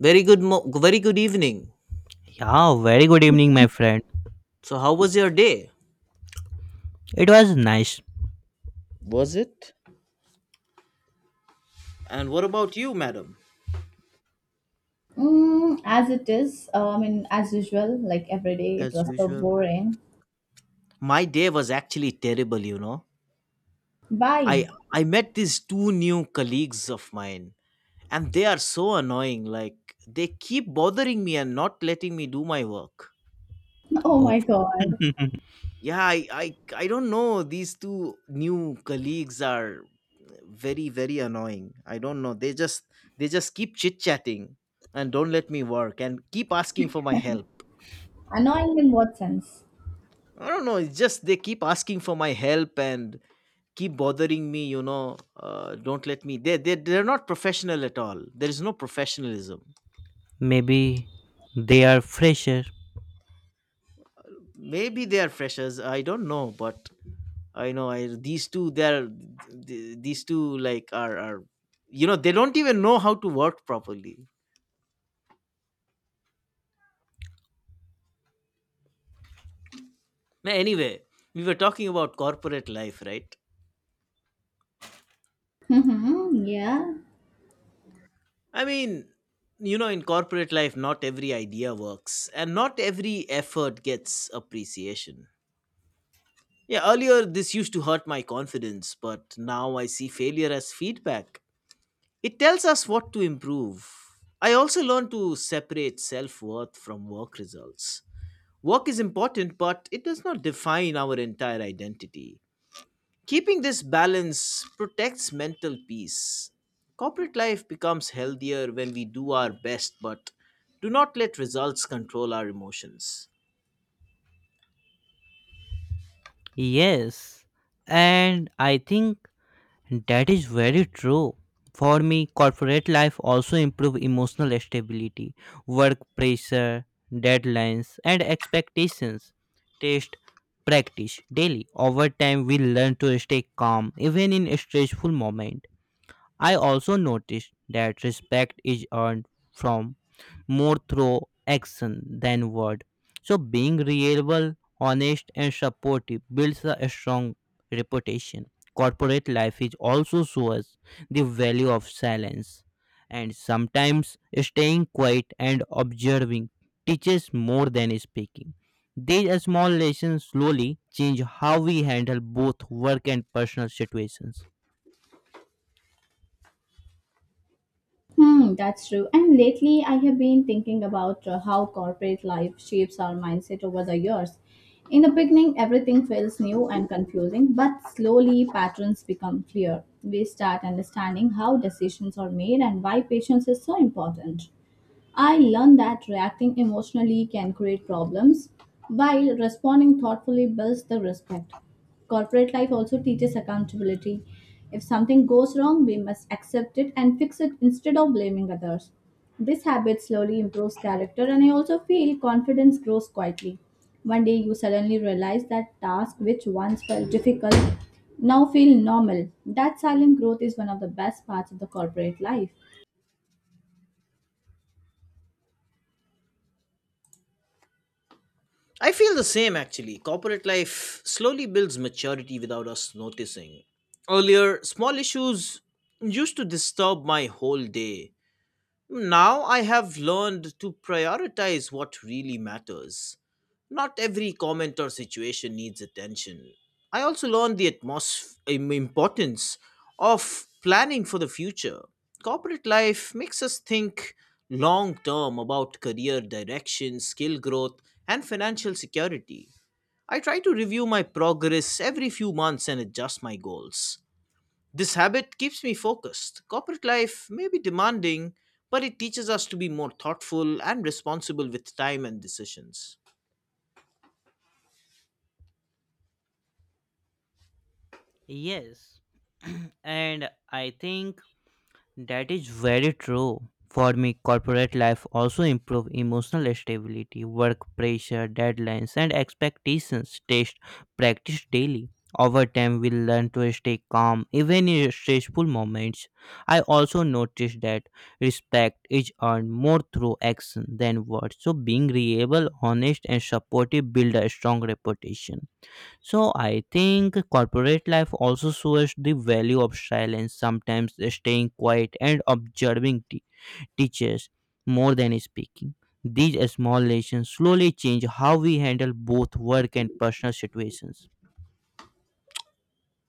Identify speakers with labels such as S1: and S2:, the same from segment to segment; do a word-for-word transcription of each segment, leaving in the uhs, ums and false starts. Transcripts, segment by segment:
S1: Very good, mo- very good evening.
S2: Yeah, very good evening, my friend.
S1: So, how was your day?
S2: It was nice.
S1: Was it? And what about you, madam?
S3: Mm, as it is, uh, I mean, as usual, like every day, it
S1: As
S3: was so
S1: usual.
S3: boring.
S1: My day was actually terrible, you know.
S3: Bye.
S1: I I met these two new colleagues of mine and they are so annoying, like they keep bothering me and not letting me do my work.
S3: Oh
S2: Oh,
S3: my god.
S1: Yeah, I I, I don't know, these two new colleagues are very very annoying. I don't know. They just they just keep chit-chatting and don't let me work and keep asking for my help.
S3: Annoying in what sense?
S1: I don't know. It's just they keep asking for my help and keep bothering me. You know, uh, don't let me. They they they're not professional at all. There is no professionalism.
S2: maybe they are fresher.
S1: Maybe they are freshers. I don't know, but I know I these two. They're th- these two like are are you know they don't even know how to work properly. Ma- Anyway, we were talking about corporate life, right?
S3: Mm-hmm, yeah.
S1: I mean, you know, in corporate life, not every idea works, and not every effort gets appreciation. Yeah, earlier this used to hurt my confidence, but now I see failure as feedback. It tells us what to improve. I also learned to separate self worth from work results. Work is important, but it does not define our entire identity. Keeping this balance protects mental peace. Corporate life becomes healthier when we do our best, but do not let results control our emotions.
S2: Yes, and I think that is very true. For me, corporate life also improve emotional stability, work pressure, deadlines, and expectations. Test, practice daily. Over time, we learn to stay calm even in stressful moment. I also noticed that respect is earned from more through action than word. So being reliable, honest, and supportive builds a strong reputation. Corporate life is also shows the value of silence, and sometimes staying quiet and observing teaches more than speaking. These small lessons slowly change how we handle both work and personal situations.
S3: Hmm, that's true. And lately, I have been thinking about uh, how corporate life shapes our mindset over the years. In the beginning, everything feels new and confusing, but slowly patterns become clear. We start understanding how decisions are made and why patience is so important. I learned that reacting emotionally can create problems, while responding thoughtfully builds the respect. Corporate life also teaches accountability. If something goes wrong, we must accept it and fix it instead of blaming others. This habit slowly improves character, and I also feel confidence grows quietly. One day you suddenly realize that tasks which once felt difficult now feel normal. That silent growth is one of the best parts of the corporate life.
S1: I feel the same actually. Corporate life slowly builds maturity without us noticing. Earlier, small issues used to disturb my whole day. Now I have learned to prioritize what really matters. Not every comment or situation needs attention. I also learned the atmos- im- importance of planning for the future. Corporate life makes us think long term about career direction, skill growth, and financial security. I try to review my progress every few months and adjust my goals. This habit keeps me focused. Corporate life may be demanding, but it teaches us to be more thoughtful and responsible with time and decisions.
S2: Yes, and I think that is very true. For me, corporate life also improve emotional stability, work pressure, deadlines, and expectations. Test practice daily. Over time, we learn to stay calm even in stressful moments. I also noticed that respect is earned more through action than words. So, being reliable, honest, and supportive build a strong reputation. So I think corporate life also shows the value of silence. Sometimes staying quiet and observing te- teachers more than speaking. These small lessons slowly change how we handle both work and personal situations.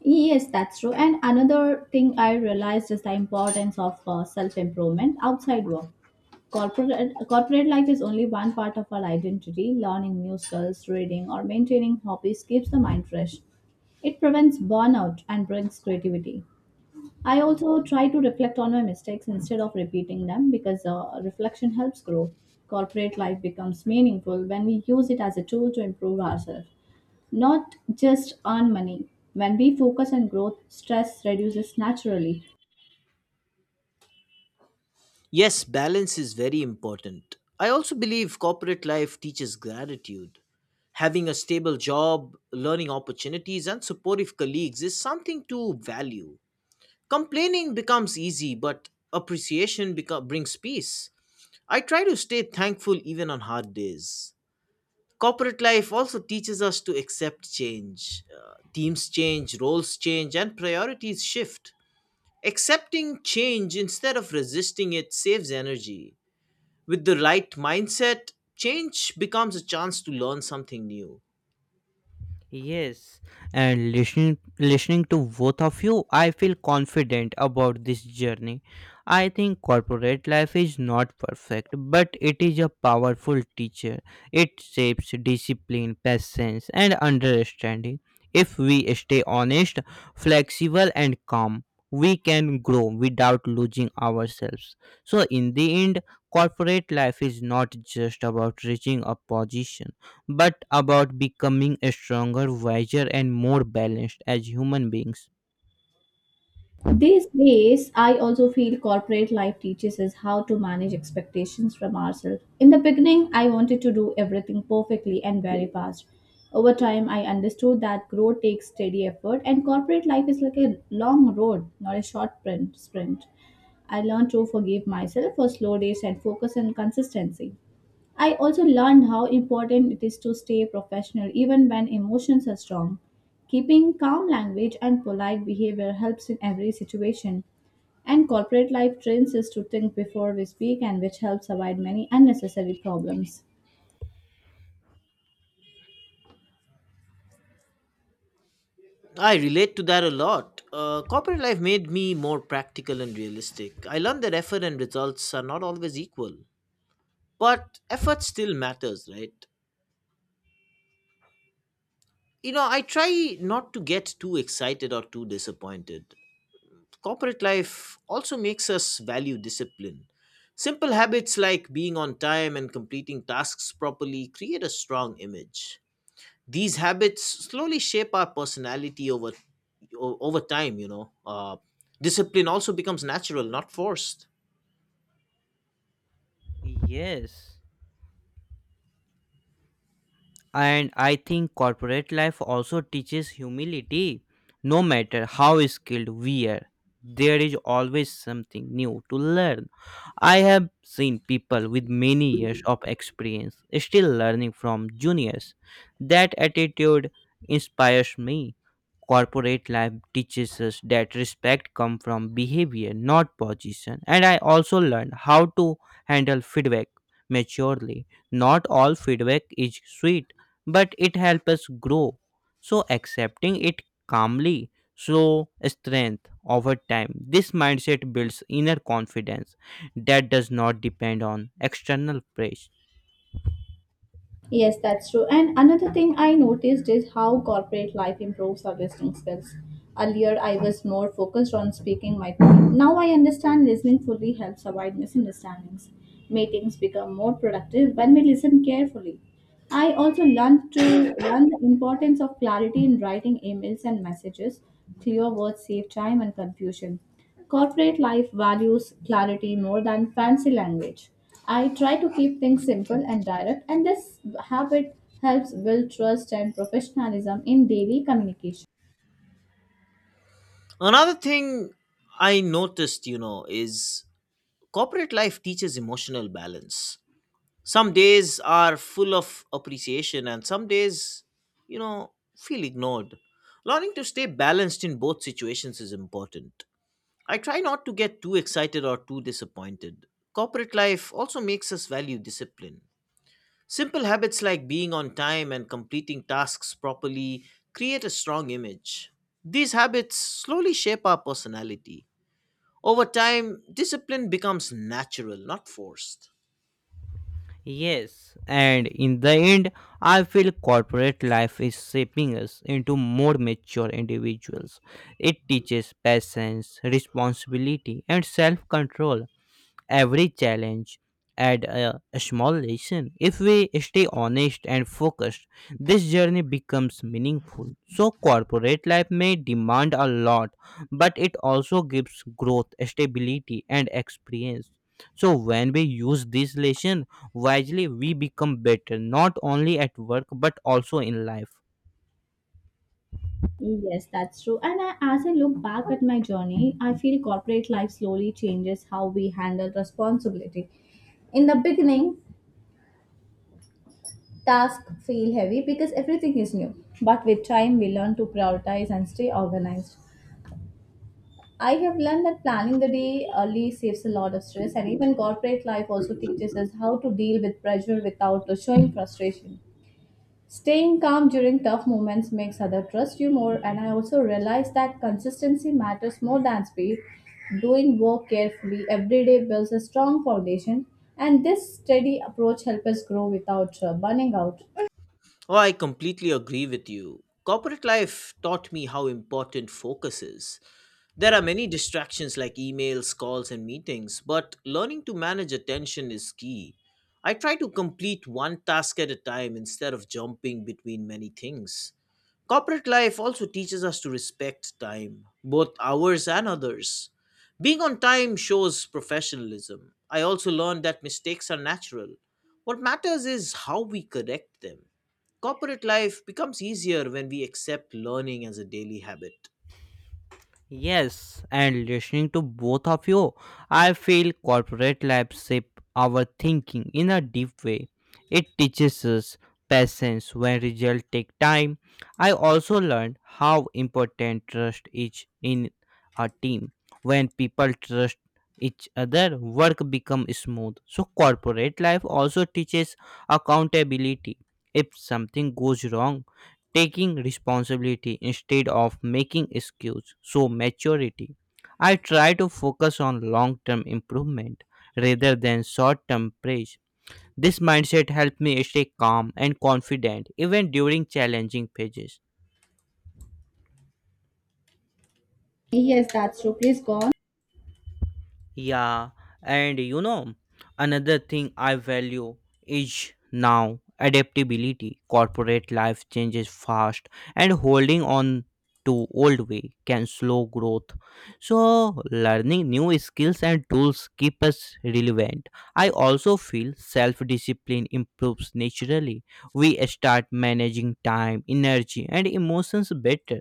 S3: Yes, that's true. And another thing I realized is the importance of uh, self improvement outside work. Corporate, uh, corporate life is only one part of our identity. Learning new skills, reading, or maintaining hobbies keeps the mind fresh. It prevents burnout and brings creativity. I also try to reflect on my mistakes instead of repeating them because uh, reflection helps grow. Corporate life becomes meaningful when we use it as a tool to improve ourselves, not just earn money. When we focus on growth, stress reduces naturally.
S1: Yes, balance is very important. I also believe corporate life teaches gratitude. Having a stable job, learning opportunities, and supportive colleagues is something to value. Complaining becomes easy, but appreciation beco- brings peace. I try to stay thankful even on hard days. Corporate life also teaches us to accept change. Uh, teams change, roles change, and priorities shift. Accepting change instead of resisting it saves energy. With the right mindset, change becomes a chance to learn something new.
S2: Yes, and listening listening to both of you, I feel confident about this journey. I think corporate life is not perfect, but it is a powerful teacher. It shapes discipline, patience, and understanding. If we stay honest, flexible, and calm, we can grow without losing ourselves. So, in the end, corporate life is not just about reaching a position but about becoming a stronger, wiser, and more balanced as human beings.
S3: These days, I also feel corporate life teaches us how to manage expectations from ourselves. In the beginning, I wanted to do everything perfectly and very fast. Over time, I understood that growth takes steady effort, and corporate life is like a long road, not a short print, sprint. I learned to forgive myself for slow days and focus on consistency. I also learned how important it is to stay professional even when emotions are strong. Keeping calm language and polite behavior helps in every situation. And corporate life trains us to think before we speak, and which helps avoid many unnecessary problems.
S1: I relate to that a lot. Uh, corporate life made me more practical and realistic. I learned that effort and results are not always equal, but effort still matters, right? You know, I try not to get too excited or too disappointed. Corporate life also makes us value discipline. Simple habits like being on time and completing tasks properly create a strong image. These habits slowly shape our personality over o- over time, you know. Uh, discipline also becomes natural, not forced.
S2: Yes. And I think corporate life also teaches humility. No matter how skilled we are, there is always something new to learn. I have seen people with many years of experience still learning from juniors. That attitude inspires me. Corporate life teaches us that respect comes from behavior, not position. And I also learned how to handle feedback maturely. Not all feedback is sweet but it helps us grow. So accepting it calmly show strength over time. This mindset builds inner confidence that does not depend on external praise.
S3: Yes, that's true. And another thing I noticed is how corporate life improves our listening skills. Earlier, I was more focused on speaking my point. Now I understand listening fully helps avoid misunderstandings. Meetings become more productive when we listen carefully. I also learned to learn the importance of clarity in writing emails and messages. Clear words save time and confusion. Corporate life values clarity more than fancy language. I try to keep things simple and direct, and this habit helps build trust and professionalism in daily communication.
S1: Another thing I noticed, you know, is corporate life teaches emotional balance. Some days are full of appreciation, and some days, you know, feel ignored. Learning to stay balanced in both situations is important. I try not to get too excited or too disappointed. Corporate life also makes us value discipline. Simple habits like being on time and completing tasks properly create a strong image. These habits slowly shape our personality. Over time, discipline becomes natural, not forced.
S2: Yes, and in the end, I feel corporate life is shaping us into more mature individuals. It teaches patience, responsibility, and self control. Every challenge adds a, a small lesson. If we stay honest and focused, this journey becomes meaningful. So, corporate life may demand a lot, but it also gives growth, stability, and experience. So, when we use this lesson wisely, we become better not only at work but also in life.
S3: Yes, that's true. And I, as I look back at my journey, I feel corporate life slowly changes how we handle responsibility. In the beginning, tasks feel heavy because everything is new. But with time, we learn to prioritize and stay organized. I have learned that planning the day early saves a lot of stress, and even corporate life also teaches us how to deal with pressure without showing frustration. Staying calm during tough moments makes others trust you more, and I also realize that consistency matters more than speed. Doing work carefully every day builds a strong foundation, and this steady approach helps us grow without uh, burning out.
S1: Oh, I completely agree with you. Corporate life taught me how important focus is. There are many distractions like emails, calls, and meetings, but learning to manage attention is key. I try to complete one task at a time instead of jumping between many things. Corporate life also teaches us to respect time, both ours and others. Being on time shows professionalism. I also learned that mistakes are natural. What matters is how we correct them. Corporate life becomes easier when we accept learning as a daily habit.
S2: Yes, and listening to both of you, I feel corporate life shape our thinking in a deep way. It teaches us patience when results take time. I also learned how important trust is in a team. When people trust each other, work becomes smooth. So corporate life also teaches accountability. If something goes wrong, taking responsibility instead of making excuses. So maturity. I try to focus on long term improvement rather than short term praise. This mindset helped me stay calm and confident even during challenging phases.
S3: Yes, that's true. Please go on.
S2: Yeah, and you know, another thing I value is now adaptability. Corporate life changes fast, and holding on to old way can slow growth. So, learning new skills and tools keep us relevant. I also feel self-discipline improves naturally. We start managing time, energy, and emotions better.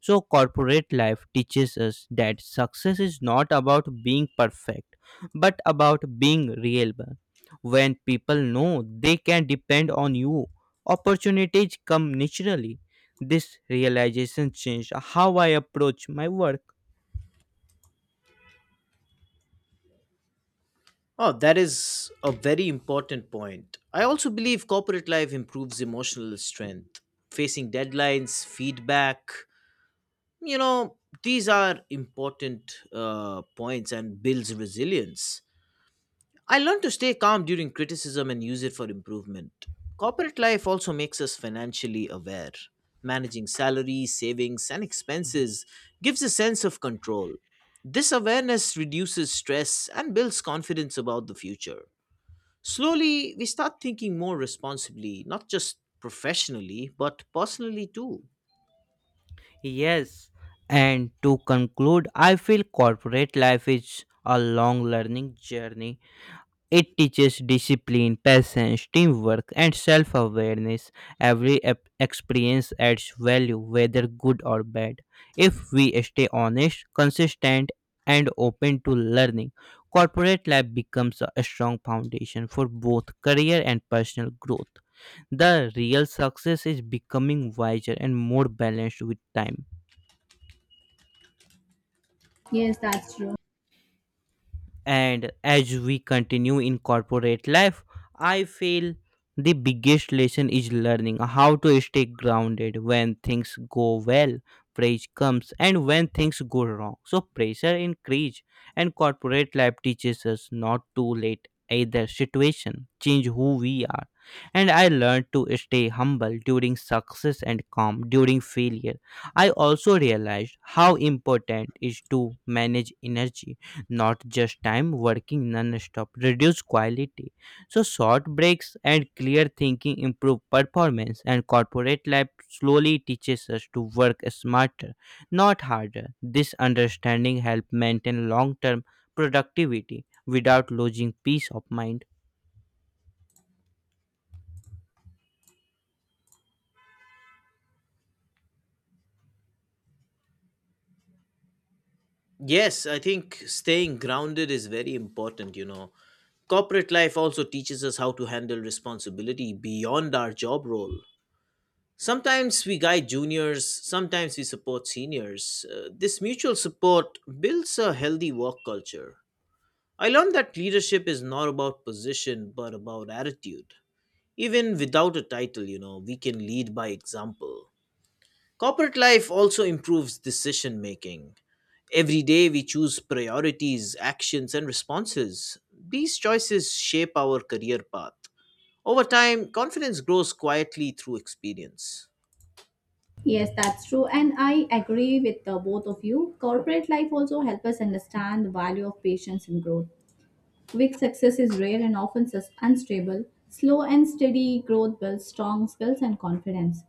S2: So, corporate life teaches us that success is not about being perfect, but about being reliable. When people know they can depend on you, opportunities come naturally. This realization changed how I approach my work.
S1: Oh, that is a very important point. I also believe corporate life improves emotional strength. Facing deadlines, feedback, you know these are important uh, points and builds resilience. I learned to stay calm during criticism and use it for improvement. Corporate life also makes us financially aware. Managing salaries, savings, and expenses gives a sense of control. This awareness reduces stress and builds confidence about the future. Slowly we start thinking more responsibly, not just professionally but personally too.
S2: Yes, and to conclude, I feel corporate life is a long learning journey. It teaches discipline, patience, teamwork, and self awareness. Every ep- experience adds value, whether good or bad. If we stay honest, consistent, and open to learning, corporate life becomes a strong foundation for both career and personal growth. The real success is becoming wiser and more balanced with time.
S3: Yes, that's true.
S2: And as we continue in corporate life, I feel the biggest lesson is learning how to stay grounded when things go well, praise comes, and when things go wrong. So pressure increase, and corporate life teaches us not to let either situation change who we are. And I learned to stay humble during success and calm during failure. I also realized how important is to manage energy, not just time. Working non-stop reduce quality, so short breaks and clear thinking improve performance, and corporate life slowly teaches us to work smarter, not harder. This understanding helps maintain long-term productivity without losing peace of mind.
S1: Yes, I think staying grounded is very important, you know. Corporate life also teaches us how to handle responsibility beyond our job role. Sometimes we guide juniors, sometimes we support seniors. Uh, this mutual support builds a healthy work culture. I learned that leadership is not about position but about attitude. Even without a title, you know, we can lead by example. Corporate life also improves decision making. Every day we choose priorities, actions, and responses. These choices shape our career path. Over time, confidence grows quietly through experience.
S3: Yes, that's true. And I agree with uh, both of you. Corporate life also helps us understand the value of patience and growth. Quick success is rare and often sus- unstable. Slow and steady growth builds strong skills and confidence.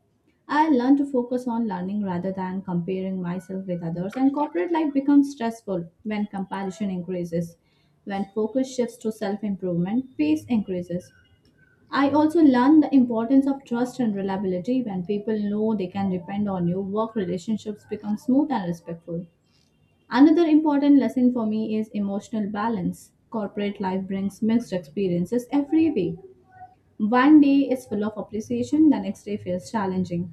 S3: I learn to focus on learning rather than comparing myself with others, and corporate life becomes stressful when comparison increases. When focus shifts to self improvement, pace increases. I also learned the importance of trust and reliability. When people know they can depend on you, work relationships become smooth and respectful. Another important lesson for me is emotional balance. Corporate life brings mixed experiences every day. One day is full of appreciation, the next day feels challenging.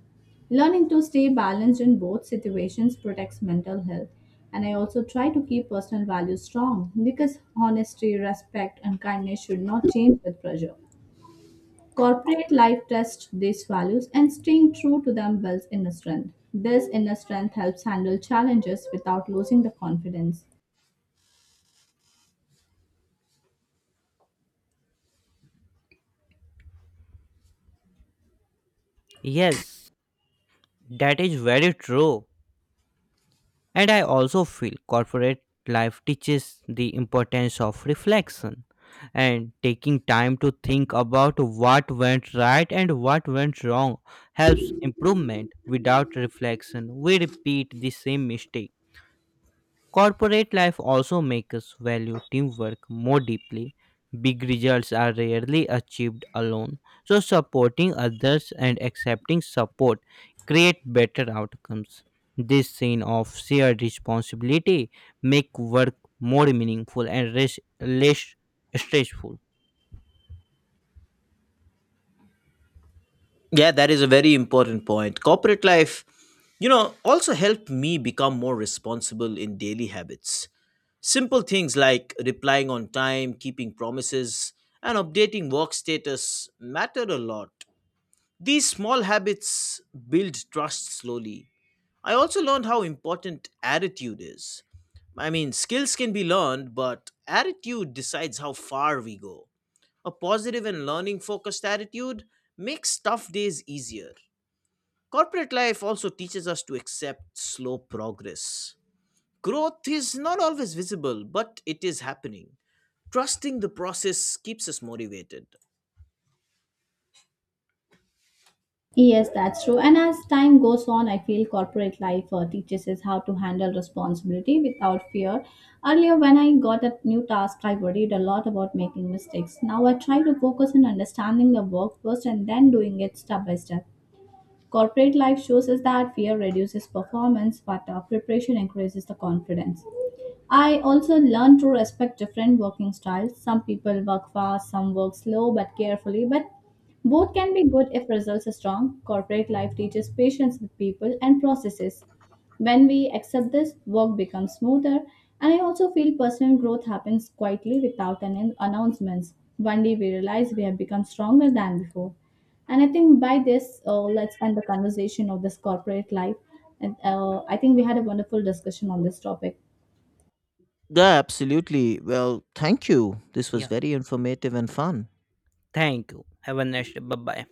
S3: Learning to stay balanced in both situations protects mental health. And I also try to keep personal values strong because honesty, respect, and kindness should not change with pressure. Corporate life tests these values and staying true to them builds inner strength. This inner strength helps handle challenges without losing the confidence.
S2: Yes, that is very true. And I also feel corporate life teaches the importance of reflection, and taking time to think about what went right and what went wrong helps improvement. Without reflection, we repeat the same mistake. Corporate life also makes us value teamwork more deeply. Big results are rarely achieved alone, so supporting others and accepting support create better outcomes. This sense of shared responsibility make work more meaningful and res- less stressful.
S1: Yeah, that is a very important point. Corporate life, you know, also helped me become more responsible in daily habits. Simple things like replying on time, keeping promises, and updating work status matter a lot. These small habits build trust slowly. I also learned how important attitude is. I mean, skills can be learned, but attitude decides how far we go. A positive and learning focused attitude makes tough days easier. Corporate life also teaches us to accept slow progress. Growth is not always visible, but it is happening. Trusting the process keeps us motivated.
S3: Yes, that's true. And as time goes on, I feel corporate life uh, teaches us how to handle responsibility without fear. Earlier, when I got a new task, I worried a lot about making mistakes. Now I try to focus on understanding the work first and then doing it step by step. Corporate life shows us that fear reduces performance, but uh, preparation increases the confidence. I also learned to respect different working styles. Some people work fast, some work slow but carefully, but both can be good if results are strong. Corporate life teaches patience with people and processes. When we accept this, work becomes smoother, and I also feel personal growth happens quietly without an announcements. One day we realize we have become stronger than before. And I think by this, uh, let's end the conversation of this corporate life. And uh, I think we had a wonderful discussion on this topic.
S1: Yeah, absolutely. Well, thank you. This was
S2: Yeah,
S1: very informative and fun.
S2: thank you. Have a nice day. Bye bye.